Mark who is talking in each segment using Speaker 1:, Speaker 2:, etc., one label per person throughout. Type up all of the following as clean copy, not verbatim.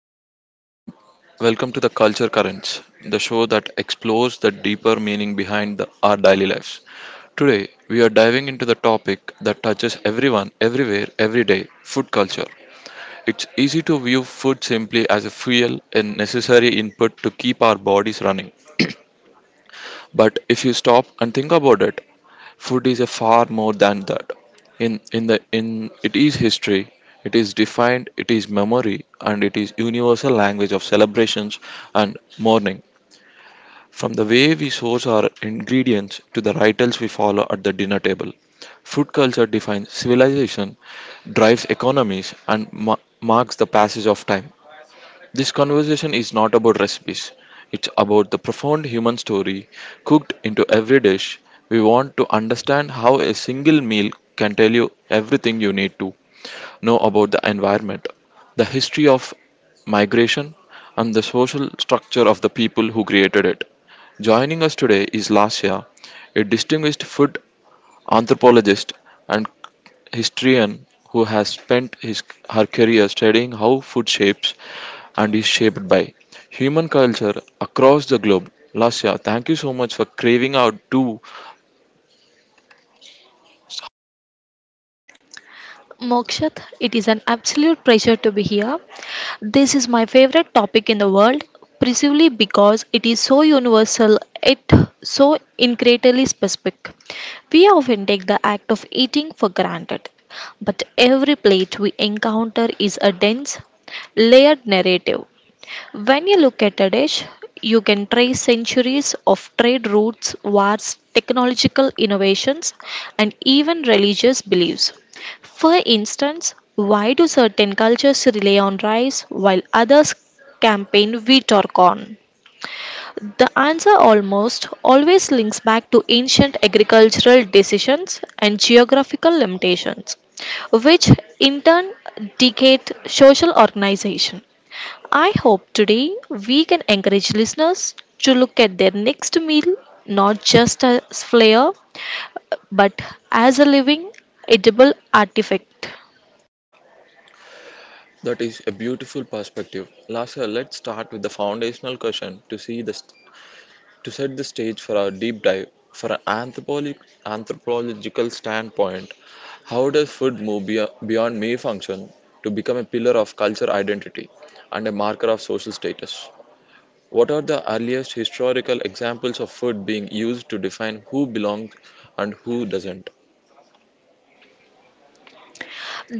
Speaker 1: Hello and welcome to the Culture Currents, the show that explores the deeper meaning behind our daily lives. Today we are diving into the topic that touches everyone everywhere every day, food culture. It's easy to view food simply as a fuel and necessary input to keep our bodies running. But if you stop and think about it, food is a far more than that. In it is history, it is defined, it is memory, and it is universal language of celebrations and mourning. From the way we source our ingredients to the rituals we follow at the dinner table, food culture defines civilization, drives economies, and marks the passage of time. This conversation is not about recipes, it's about the profound human story cooked into every dish. We want to understand how a single meal can tell you everything you need to know about the environment, the history of migration, and the social structure of the people who created it. Joining us today is Lasya, a distinguished food anthropologist and historian who has spent her career studying how food shapes and is shaped by human culture across the globe. Lasya, thank you so much for craving out too.
Speaker 2: Mokshat, it is an absolute pleasure to be here. This is my favorite topic in the world, precisely because it is so universal, yet so incredibly specific. We often take the act of eating for granted, but every plate we encounter is a dense, layered narrative. When you look at a dish, you can trace centuries of trade routes, wars, technological innovations, and even religious beliefs. For instance, why do certain cultures rely on rice while others campaign wheat or corn? The answer almost always links back to ancient agricultural decisions and geographical limitations, which in turn dictate social organization. I hope today we can encourage listeners to look at their next meal not just as flair but as a living edible artifact.
Speaker 1: That is a beautiful perspective. Lasya, let's start with the foundational question to to set the stage for our deep dive. For an anthropological standpoint, how does food move beyond mere function to become a pillar of culture identity and a marker of social status? What are the earliest historical examples of food being used to define who belongs and who doesn't?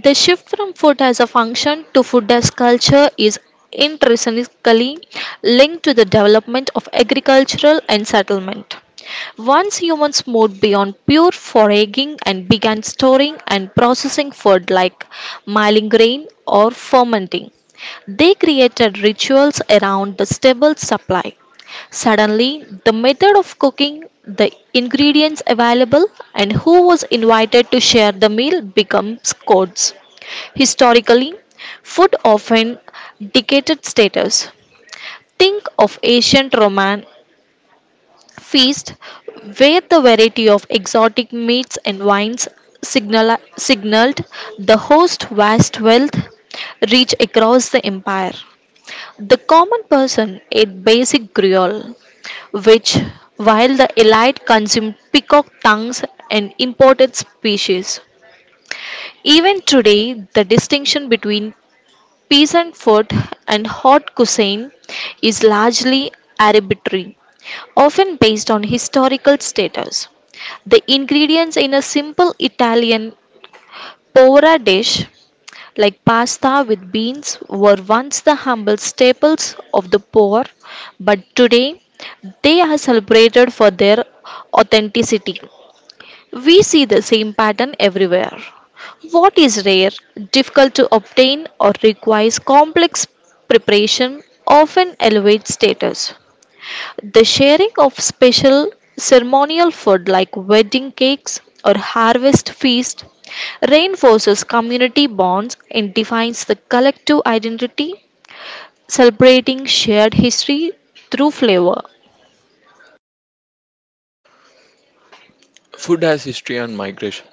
Speaker 2: The shift from food as a function to food as culture is intrinsically linked to the development of agricultural and settlement. Once humans moved beyond pure foraging and began storing and processing food like milling grain or fermenting, they created rituals around the stable supply. Suddenly, the method of cooking, the ingredients available, and who was invited to share the meal becomes codes. Historically, food often dictated status. Think of ancient Roman feast where the variety of exotic meats and wines signaled the host vast wealth reach across the empire. The common person ate basic gruel, which, while the elite consumed peacock tongues and imported species. Even today, the distinction between peasant food and hot cuisine is largely arbitrary, often based on historical status. The ingredients in a simple Italian povera dish like pasta with beans, were once the humble staples of the poor, but today they are celebrated for their authenticity. We see the same pattern everywhere. What is rare, difficult to obtain, or requires complex preparation often elevates status. The sharing of special ceremonial food like wedding cakes or harvest feast reinforces community bonds and defines the collective identity, celebrating shared history through flavor.
Speaker 1: Food has history and migration.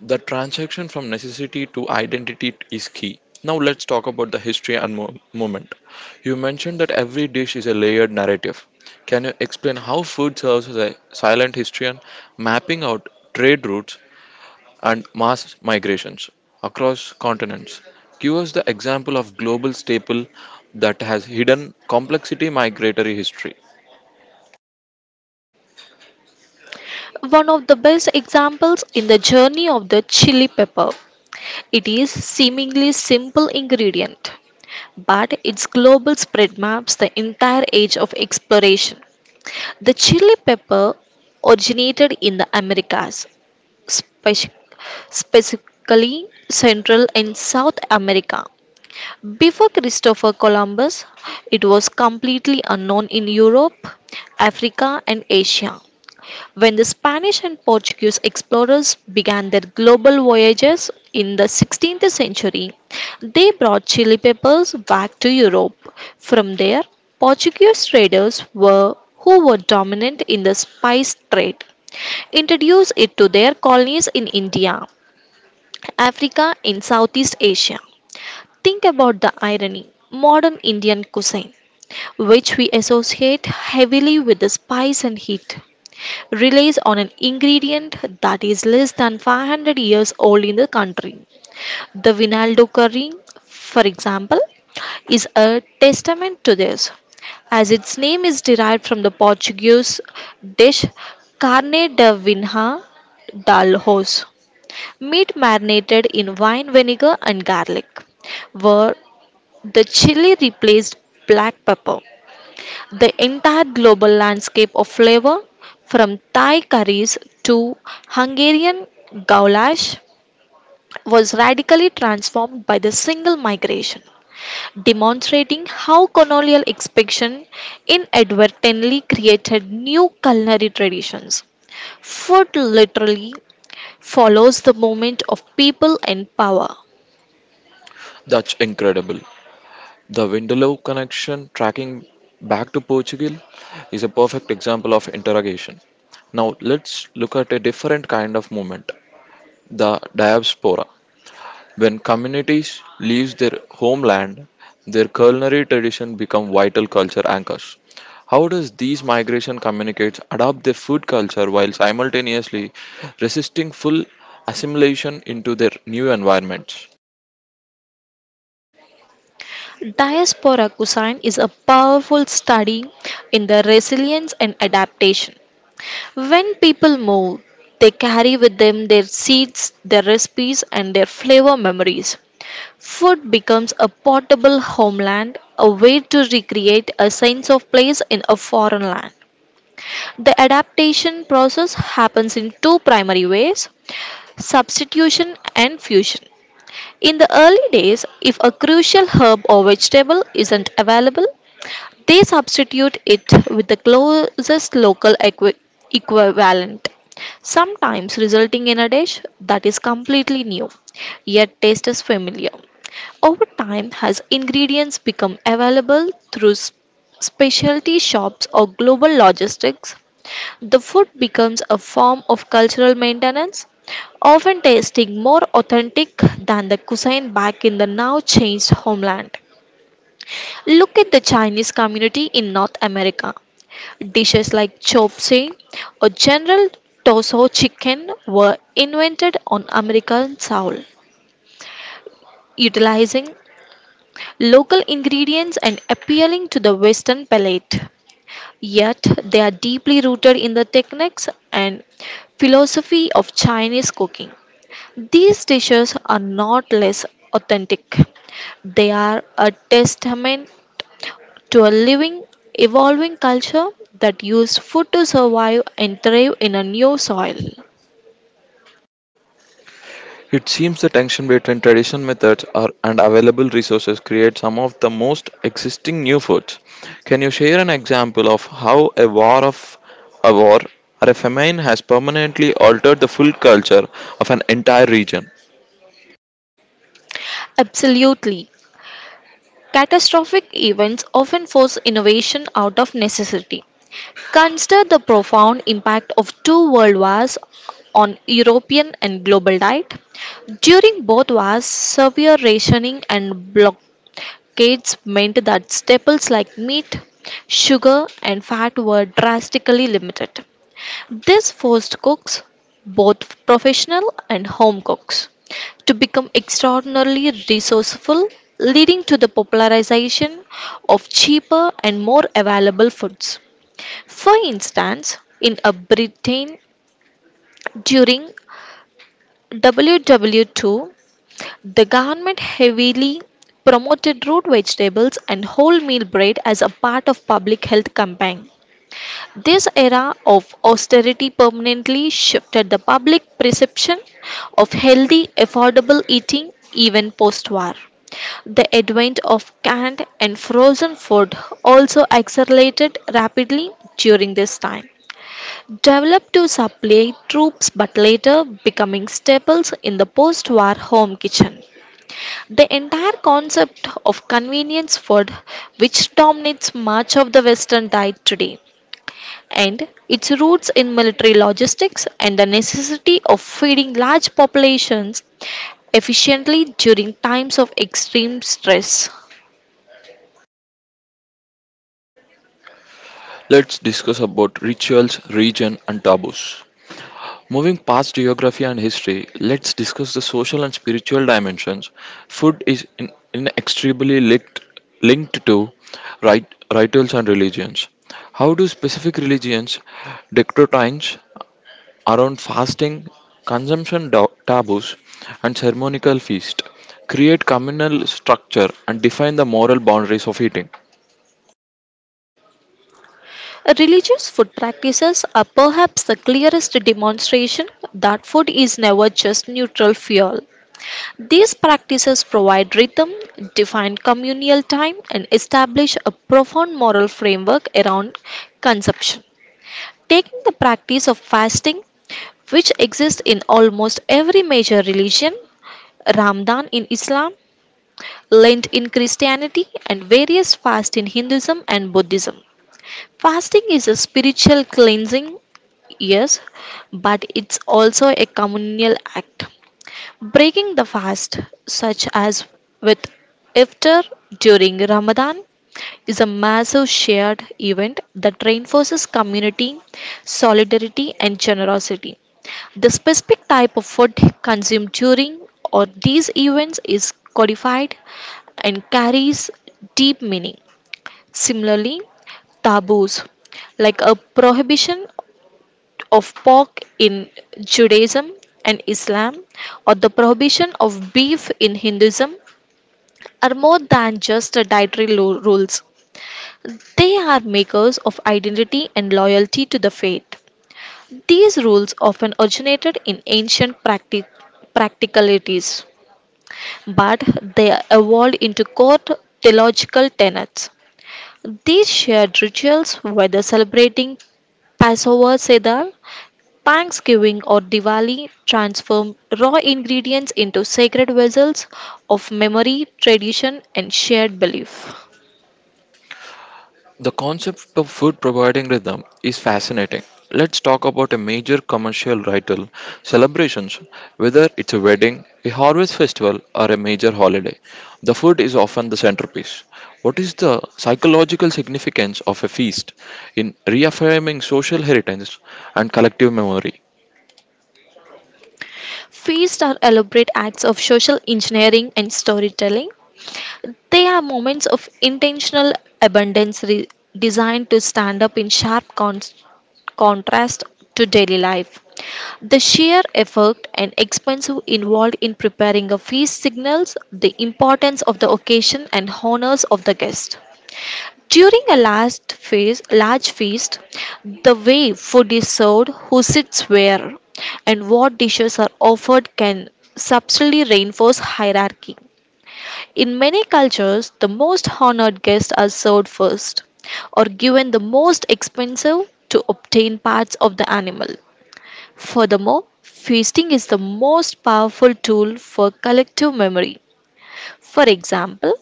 Speaker 1: The transaction from necessity to identity is key. Now let's talk about the history and moment. You mentioned that every dish is a layered narrative. Can you explain how food serves as a silent history and mapping out trade routes and mass migrations across continents. Give us the example of global staple that has hidden complexity migratory history.
Speaker 2: One of the best examples in the journey of the chili pepper. It is seemingly simple ingredient, but its global spread maps the entire age of exploration. The chili pepper originated in the Americas, speci- specifically Central and South America. Before Christopher Columbus, it was completely unknown in Europe, Africa, and Asia. When the Spanish and Portuguese explorers began their global voyages in the 16th century, they brought chili peppers back to Europe. From there, Portuguese traders were who were dominant in the spice trade introduced it to their colonies in India, Africa, and Southeast Asia. Think about the irony modern Indian cuisine, which we associate heavily with the spice and heat, relies on an ingredient that is less than 500 years old in the country. The Vinaldo curry, for example, is a testament to this, as its name is derived from the Portuguese dish carne de vinha dal horse, meat marinated in wine vinegar and garlic, where the chili replaced black pepper the entire global landscape of flavor, from Thai curries to Hungarian goulash, was radically transformed by the single migration, demonstrating how colonial expansion inadvertently created new culinary traditions. Food literally follows the movement of people and power.
Speaker 1: That's incredible. The Window connection tracking back to Portugal is a perfect example of interrogation. Now let's look at a different kind of movement, the diaspora. When communities leave their homeland, their culinary tradition become vital culture anchors. How does these migration communicates adopt their food culture while simultaneously resisting full assimilation into their new environments?
Speaker 2: Diaspora cuisine is a powerful study in the resilience and adaptation. When people move, they carry with them their seeds, their recipes, and their flavor memories. Food becomes a portable homeland, a way to recreate a sense of place in a foreign land. The adaptation process happens in two primary ways substitution and fusion. In the early days, if a crucial herb or vegetable isn't available, they substitute it with the closest local equivalent, sometimes resulting in a dish that is completely new, yet tastes familiar. Over time, as ingredients become available through specialty shops or global logistics, the food becomes a form of cultural maintenance, often tasting more authentic than the cuisine back in the now changed homeland. Look at the Chinese community in North America. Dishes like chop suey or General Toso chicken were invented on American soil, utilizing local ingredients and appealing to the Western palate. Yet they are deeply rooted in the techniques and philosophy of Chinese cooking. These dishes are not less authentic. They are a testament to a living, evolving culture that used food to survive and thrive in a new soil.
Speaker 1: It seems the tension between traditional methods are, and available resources create some of the most existing new foods. Can you share an example of how a war or a famine has permanently altered the food culture of an entire region?
Speaker 2: Absolutely. Catastrophic events often force innovation out of necessity. Consider the profound impact of two world wars on European and global diet. During both wars, severe rationing and blockades meant that staples like meat, sugar, and fat were drastically limited. This forced cooks, both professional and home cooks, to become extraordinarily resourceful, leading to the popularization of cheaper and more available foods. For instance, in Britain during WW2, the government heavily promoted root vegetables and wholemeal bread as a part of public health campaign. This era of austerity permanently shifted the public perception of healthy, affordable eating even post war. The advent of canned and frozen food also accelerated rapidly during this time. Developed to supply troops but later becoming staples in the post war home kitchen. The entire concept of convenience food, which dominates much of the Western diet today, and its roots in military logistics and the necessity of feeding large populations efficiently during times of extreme stress.
Speaker 1: Let's discuss about rituals, region and taboos. Moving past geography and history, let's discuss the social and spiritual dimensions. Food is inextricably linked, linked to rituals and religions. How do specific religions decretines around fasting, consumption taboos, and ceremonial feast create communal structure and define the moral boundaries of eating?
Speaker 2: Religious food practices are perhaps the clearest demonstration that food is never just neutral fuel. These practices provide rhythm, define communal time, and establish a profound moral framework around consumption. Taking the practice of fasting, which exists in almost every major religion, Ramadan in Islam, Lent in Christianity, and various fasts in Hinduism and Buddhism. Fasting is a spiritual cleansing, yes, but it's also a communal act. Breaking the fast, such as with iftar during Ramadan, is a massive shared event that reinforces community, solidarity, and generosity. The specific type of food consumed during or these events is codified and carries deep meaning. Similarly, taboos like a prohibition of pork in Judaism and Islam or the prohibition of beef in Hinduism are more than just dietary rules. They are makers of identity and loyalty to the faith. These rules often originated in ancient practicalities, but they evolved into core theological tenets. These shared rituals, whether celebrating Passover Seder Thanksgiving or Diwali transform raw ingredients into sacred vessels of memory, tradition, and shared belief.
Speaker 1: The concept of food providing rhythm is fascinating. Let's talk about a major commercial ritual, celebrations, whether it's a wedding, a harvest festival, or a major holiday. The food is often the centerpiece. What is the psychological significance of a feast in reaffirming social heritage and collective memory?
Speaker 2: Feasts are elaborate acts of social engineering and storytelling. They are moments of intentional abundance designed to stand up in sharp contrast to daily life. The sheer effort and expense involved in preparing a feast signals the importance of the occasion and honors of the guest. During a large feast, the way food is served, who sits where, and what dishes are offered can subtly reinforce hierarchy. In many cultures, the most honored guests are served first or given the most expensive to obtain parts of the animal. Furthermore, feasting is the most powerful tool for collective memory. For example,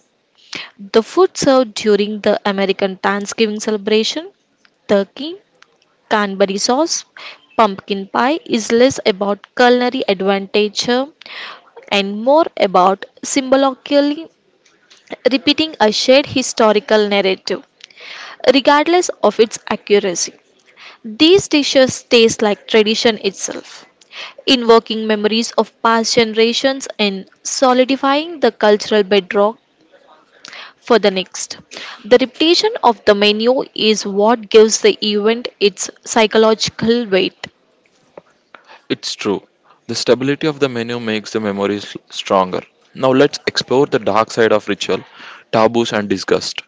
Speaker 2: the food served during the American Thanksgiving celebration, turkey, Canterbury sauce, pumpkin pie, is less about culinary advantage and more about symbolically repeating a shared historical narrative, regardless of its accuracy. These dishes taste like tradition itself, invoking memories of past generations and solidifying the cultural bedrock for the next. The repetition of the menu is what gives the event its psychological weight.
Speaker 1: It's true. The stability of the menu makes the memories stronger. Now let's explore the dark side of ritual, taboos and disgust.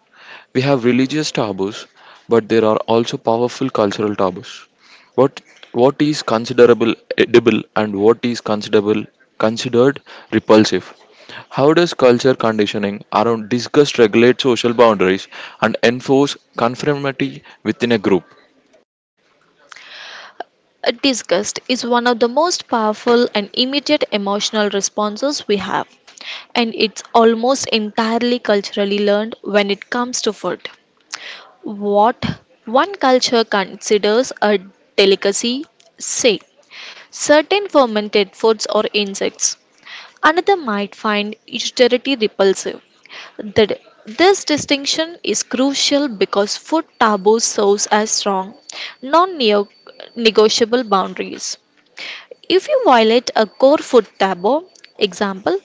Speaker 1: We have religious taboos, but there are also powerful cultural taboos. What what is considerable edible and what is considerable considered repulsive? How does culture conditioning around disgust regulate social boundaries and enforce conformity within a group?
Speaker 2: A disgust is one of the most powerful and immediate emotional responses we have, and it's almost entirely culturally learned when it comes to food. What one culture considers a delicacy, say, certain fermented foods or insects. Another might find austerity repulsive. The- this distinction is crucial because food taboos serves as strong, non-negotiable boundaries. If you violate a core food taboo, example,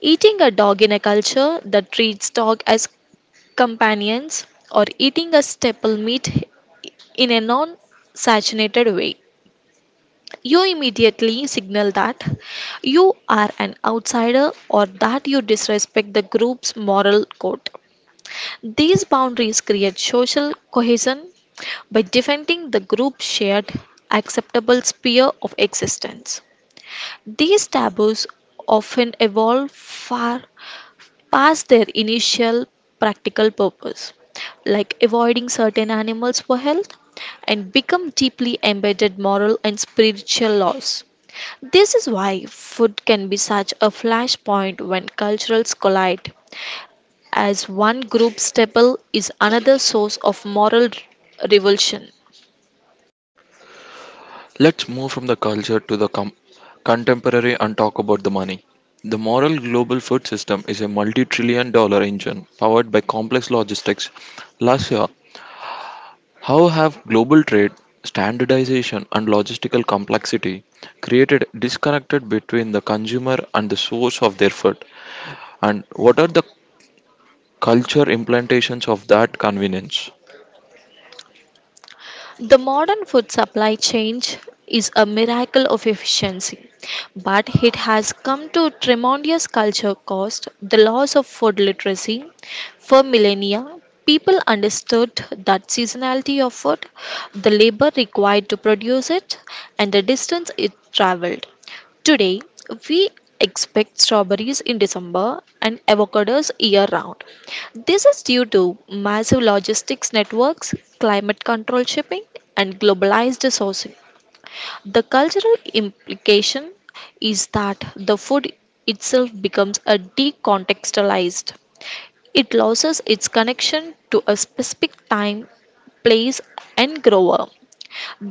Speaker 2: eating a dog in a culture that treats dog as companions or eating a staple meat in a non-saturated way, you immediately signal that you are an outsider or that you disrespect the group's moral code. These boundaries create social cohesion by defending the group's shared acceptable sphere of existence. These taboos often evolve far past their initial practical purpose, like avoiding certain animals for health, and become deeply embedded moral and spiritual laws. This is why food can be such a flashpoint when cultures collide, as one group's staple is another source of moral revulsion.
Speaker 1: Let's move from the culture to the contemporary and talk about the money. The moral global food system is a multi $1 trillion engine powered by complex logistics. Last year, how have global trade, standardization, and logistical complexity created disconnected between the consumer and the source of their food? And what are the culture implementations of that convenience?
Speaker 2: The modern food supply chain is a miracle of efficiency, but it has come to tremendous culture cost, the loss of food literacy. For millennia, people understood that seasonality of food, the labor required to produce it, and the distance it traveled. Today, we expect strawberries in December and avocados year round. This is due to massive logistics networks, climate control shipping, and globalized sourcing. The cultural implication is that the food itself becomes a decontextualized. It loses its connection to a specific time, place, and grower.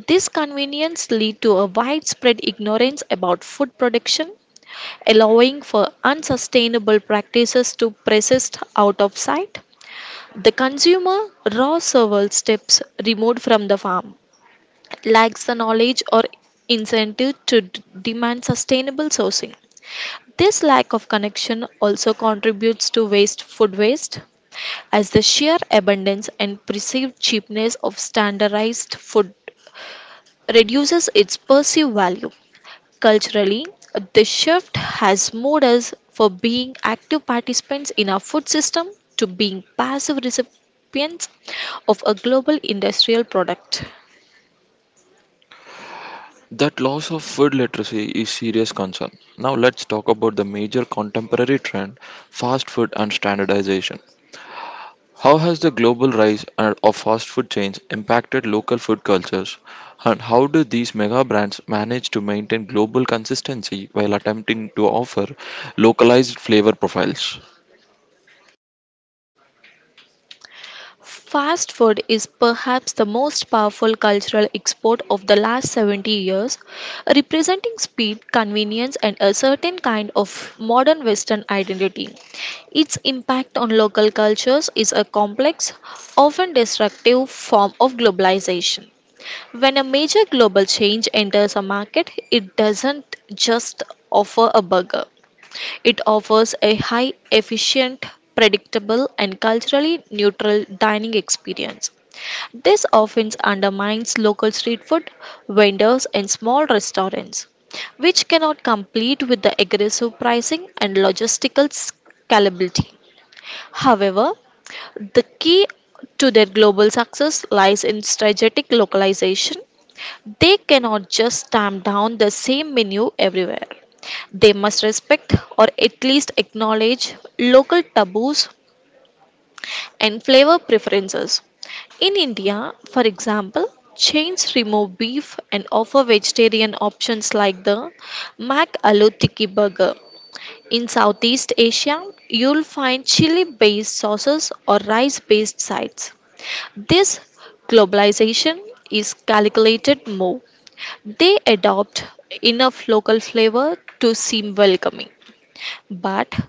Speaker 2: This convenience lead to a widespread ignorance about food production, allowing for unsustainable practices to persist out of sight. The consumer, raw several steps removed from the farm, lacks the knowledge or incentive to demand sustainable sourcing. This lack of connection also contributes to waste food waste, as the sheer abundance and perceived cheapness of standardized food reduces its perceived value. Culturally, this shift has moved us from being active participants in our food system to being passive recipients of a global industrial product.
Speaker 1: That loss of food literacy is serious concern. Now let's talk about the major contemporary trend, fast food and standardization. How has the global rise of fast food chains impacted local food cultures and how do these mega brands manage to maintain global consistency while attempting to offer localized flavor profiles?
Speaker 2: Fast food is perhaps the most powerful cultural export of the last 70 years, representing speed, convenience, and a certain kind of modern Western identity. Its impact on local cultures is a complex, often destructive form of globalization. When a major global change enters a market, it doesn't just offer a burger. It offers a high efficient, predictable, and culturally neutral dining experience. This often undermines local street food vendors and small restaurants, which cannot compete with the aggressive pricing and logistical scalability. However, the key to their global success lies in strategic localization they cannot just stamp down the same menu everywhere. They must respect or at least acknowledge local taboos and flavor preferences. In India, for example, chains remove beef and offer vegetarian options like the Mac Aloo Tikki Burger. In Southeast Asia, you'll find chili based sauces or rice based sides. This globalization is calculated move they adopt enough local flavor to seem welcoming, but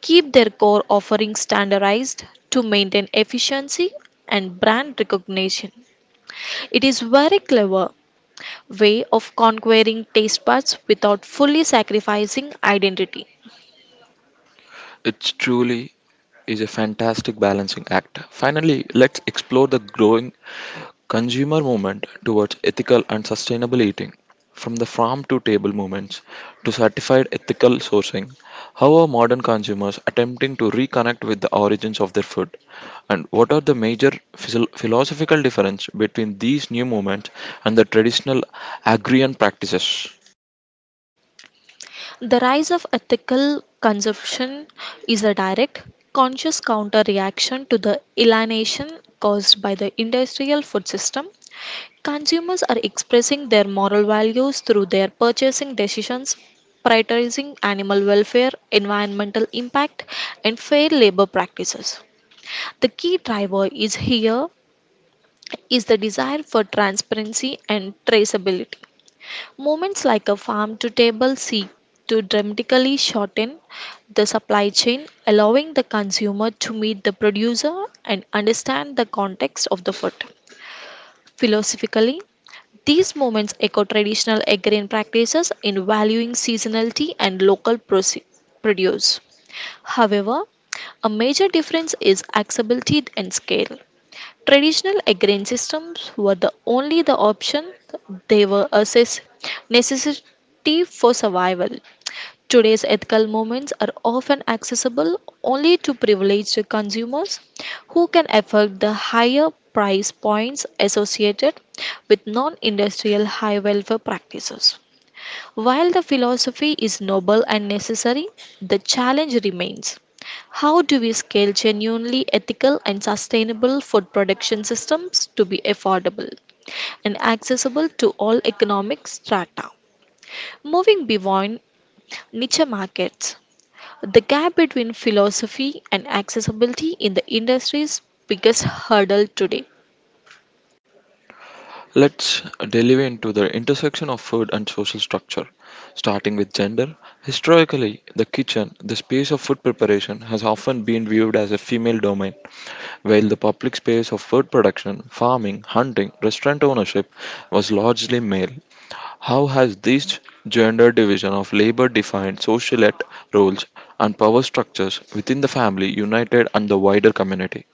Speaker 2: keep their core offerings standardized to maintain efficiency and brand recognition. It is very clever way of conquering taste buds without fully sacrificing identity.
Speaker 1: It truly is a fantastic balancing act. Finally, let's explore the growing consumer movement towards ethical and sustainable eating. From the farm to table movements to certified ethical sourcing, how are modern consumers attempting to reconnect with the origins of their food? And what are the major philosophical difference between these new movements and the traditional agrarian practices?
Speaker 2: The rise of ethical consumption is a direct, conscious counter reaction to the alienation caused by the industrial food system. Consumers are expressing their moral values through their purchasing decisions, prioritizing animal welfare, environmental impact, and fair labor practices. The key driver is here is the desire for transparency and traceability. Moments like a farm to table seek to dramatically shorten the supply chain, allowing the consumer to meet the producer and understand the context of the food. Philosophically, these moments echo traditional agrarian practices in valuing seasonality and local produce. However, a major difference is accessibility and scale. Traditional agrarian systems were the only the option. They were a necessity for survival. Today's ethical movements are often accessible only to privileged consumers who can afford the higher price points associated with non-industrial high welfare practices. While the philosophy is noble and necessary, the challenge remains. How do we scale genuinely ethical and sustainable food production systems to be affordable and accessible to all economic strata? Moving beyond niche markets, the gap between philosophy and accessibility in the industry's biggest hurdle today.
Speaker 1: Let's delve into the intersection of food and social structure, starting with gender. Historically, the kitchen, the space of food preparation, has often been viewed as a female domain, while the public space of food production, farming, hunting, restaurant ownership was largely male. How has this gender division of labor defined social roles and power structures within the family, united, and the wider community?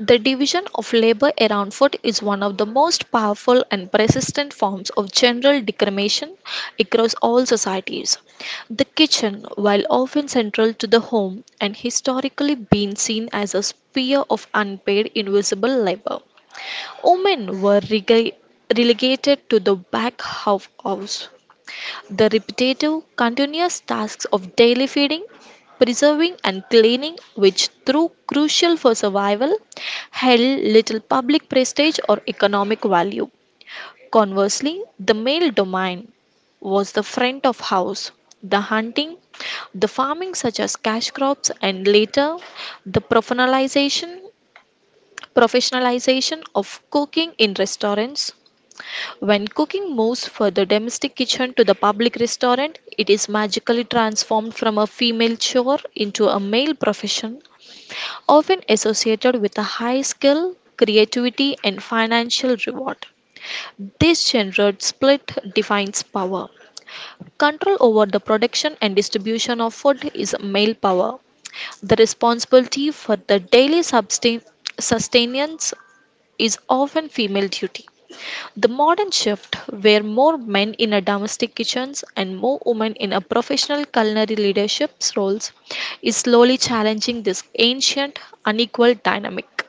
Speaker 2: The division of labor around food is one of the most powerful and persistent forms of general discrimination across all societies. The kitchen, while often central to the home and historically been seen as a sphere of unpaid invisible labor, women were relegated to the back of house, the repetitive, continuous tasks of daily feeding, preserving, and cleaning, which through crucial for survival, held little public prestige or economic value. Conversely, the male domain was the front of house, the hunting, the farming such as cash crops, and later the professionalization of cooking in restaurants. When cooking moves from the domestic kitchen to the public restaurant, it is magically transformed from a female chore into a male profession, often associated with a high skill, creativity, and financial reward. This gendered split defines power. Control over the production and distribution of food is male power. The responsibility for the daily sustenance is often female duty. The modern shift, where more men in a domestic kitchens and more women in a professional culinary leadership roles, is slowly challenging this ancient, unequal dynamic.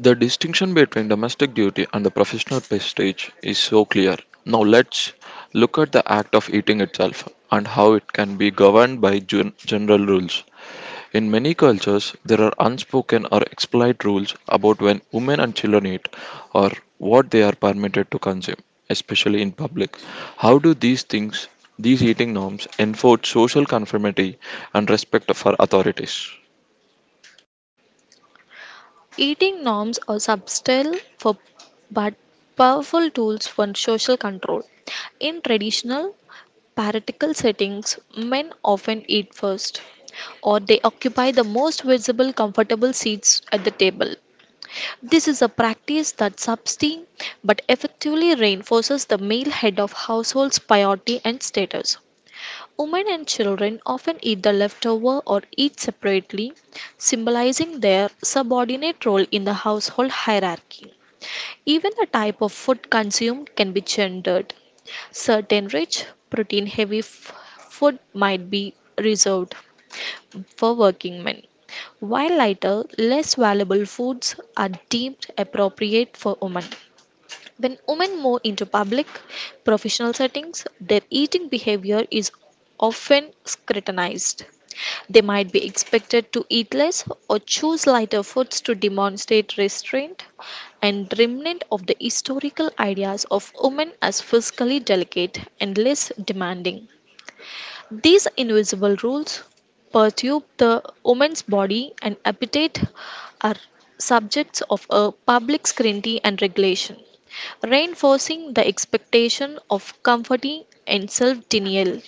Speaker 1: The distinction between domestic duty and the professional prestige is so clear. Now let's look at the act of eating itself and how it can be governed by general rules. In many cultures, there are unspoken or explicit rules about when women and children eat or what they are permitted to consume, especially in public. How do these eating norms, enforce social conformity and respect for authorities?
Speaker 2: Eating norms are subtle for but powerful tools for social control. In traditional patriarchal settings, men often eat first, or they occupy the most visible, comfortable seats at the table. This is a practice that subtly but effectively reinforces the male head of household's priority and status. Women and children often eat the leftover or eat separately, symbolizing their subordinate role in the household hierarchy. Even the type of food consumed can be gendered. Certain rich, protein heavy food might be reserved, for working men, while lighter, less valuable foods are deemed appropriate for women. When women move into public, professional settings, their eating behavior is often scrutinized. They might be expected to eat less or choose lighter foods to demonstrate restraint and remnant of the historical ideas of women as physically delicate and less demanding. These invisible rules perturb the woman's body and appetite are subjects of a public scrutiny and regulation, reinforcing the expectation of comforting and self denial.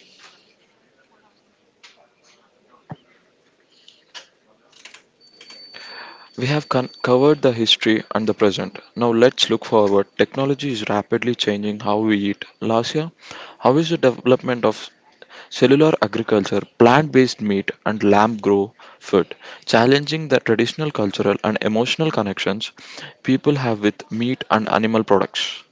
Speaker 1: We have covered the history and the present. Now let's look forward. Technology is rapidly changing how we eat. Lasya, how is the development of cellular agriculture, plant based meat, and lamb grow food challenging the traditional cultural and emotional connections people have with meat and animal products?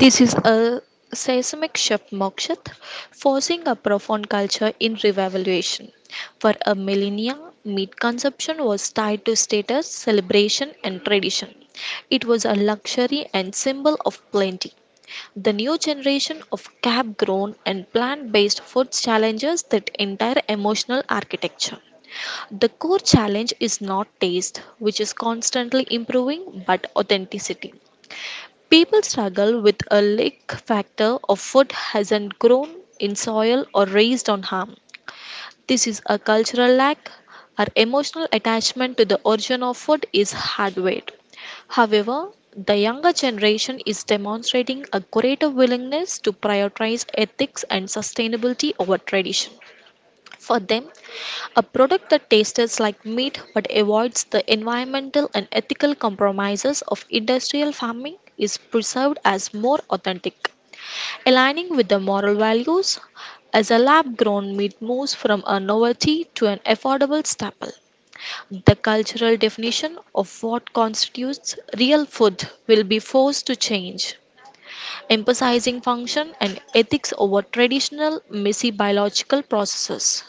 Speaker 2: This is a seismic shift, Mokshat, forcing a profound culture in revaluation. For a millennia, meat consumption was tied to status, celebration, and tradition. It was a luxury and symbol of plenty. The new generation of cab grown and plant based foods challenges that entire emotional architecture. The core challenge is not taste, which is constantly improving, but authenticity. People struggle with a lack factor of food hasn't grown in soil or raised on harm. This is a cultural lack. Our emotional attachment to the origin of food is hardwired. However, the younger generation is demonstrating a greater willingness to prioritize ethics and sustainability over tradition. For them, a product that tastes like meat but avoids the environmental and ethical compromises of industrial farming is perceived as more authentic aligning with the moral values as a lab grown meat moves from a novelty to an affordable staple. The cultural definition of what constitutes real food will be forced to change, emphasizing function and ethics over traditional, messy biological processes.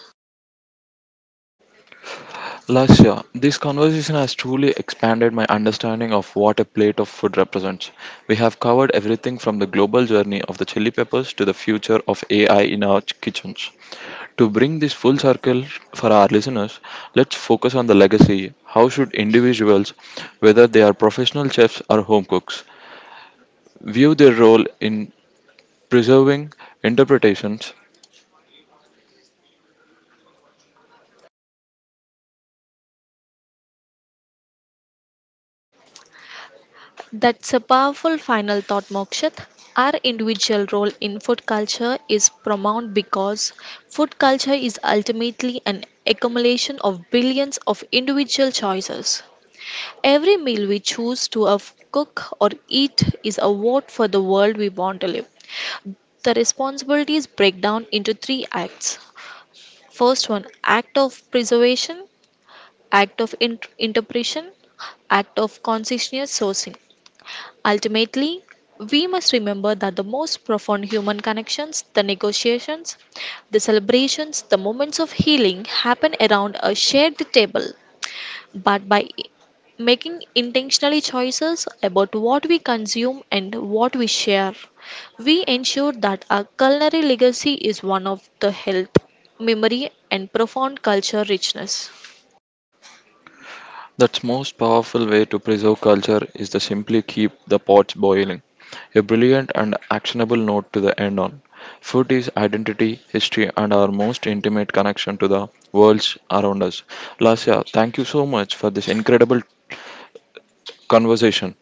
Speaker 1: Lasya, this conversation has truly expanded my understanding of what a plate of food represents. We have covered everything from the global journey of the chili peppers to the future of AI in our kitchens. To bring this full circle for our listeners, let's focus on the legacy. How should individuals, whether they are professional chefs or home cooks, view their role in preserving interpretations
Speaker 2: That's a powerful final thought, Mokshit. Our individual role in food culture is paramount because food culture is ultimately an accumulation of billions of individual choices. Every meal we choose to cook or eat is a vote for the world we want to live. The responsibilities break down into three acts. First one, act of preservation, act of interpretation, act of conscientious sourcing. Ultimately, we must remember that the most profound human connections, the negotiations, the celebrations, the moments of healing happen around a shared table. But by making intentionally choices about what we consume and what we share, we ensure that our culinary legacy is one of the health, memory, and profound culture richness.
Speaker 1: That's most powerful way to preserve culture is to simply keep the pots boiling. A brilliant and actionable note to the end on. Food is identity, history, and our most intimate connection to the worlds around us. Lasya, thank you so much for this incredible conversation.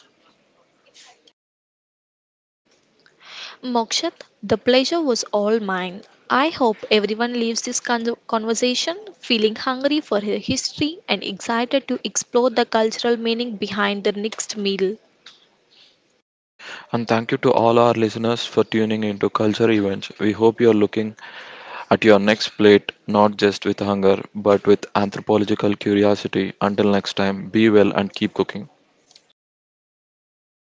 Speaker 2: Mokshat, the pleasure was all mine. I hope everyone leaves this conversation feeling hungry for their history and excited to explore the cultural meaning behind their next meal.
Speaker 1: And thank you to all our listeners for tuning into Culture Events. We hope you're looking at your next plate not just with hunger but with anthropological curiosity. Until next time, be well and keep cooking.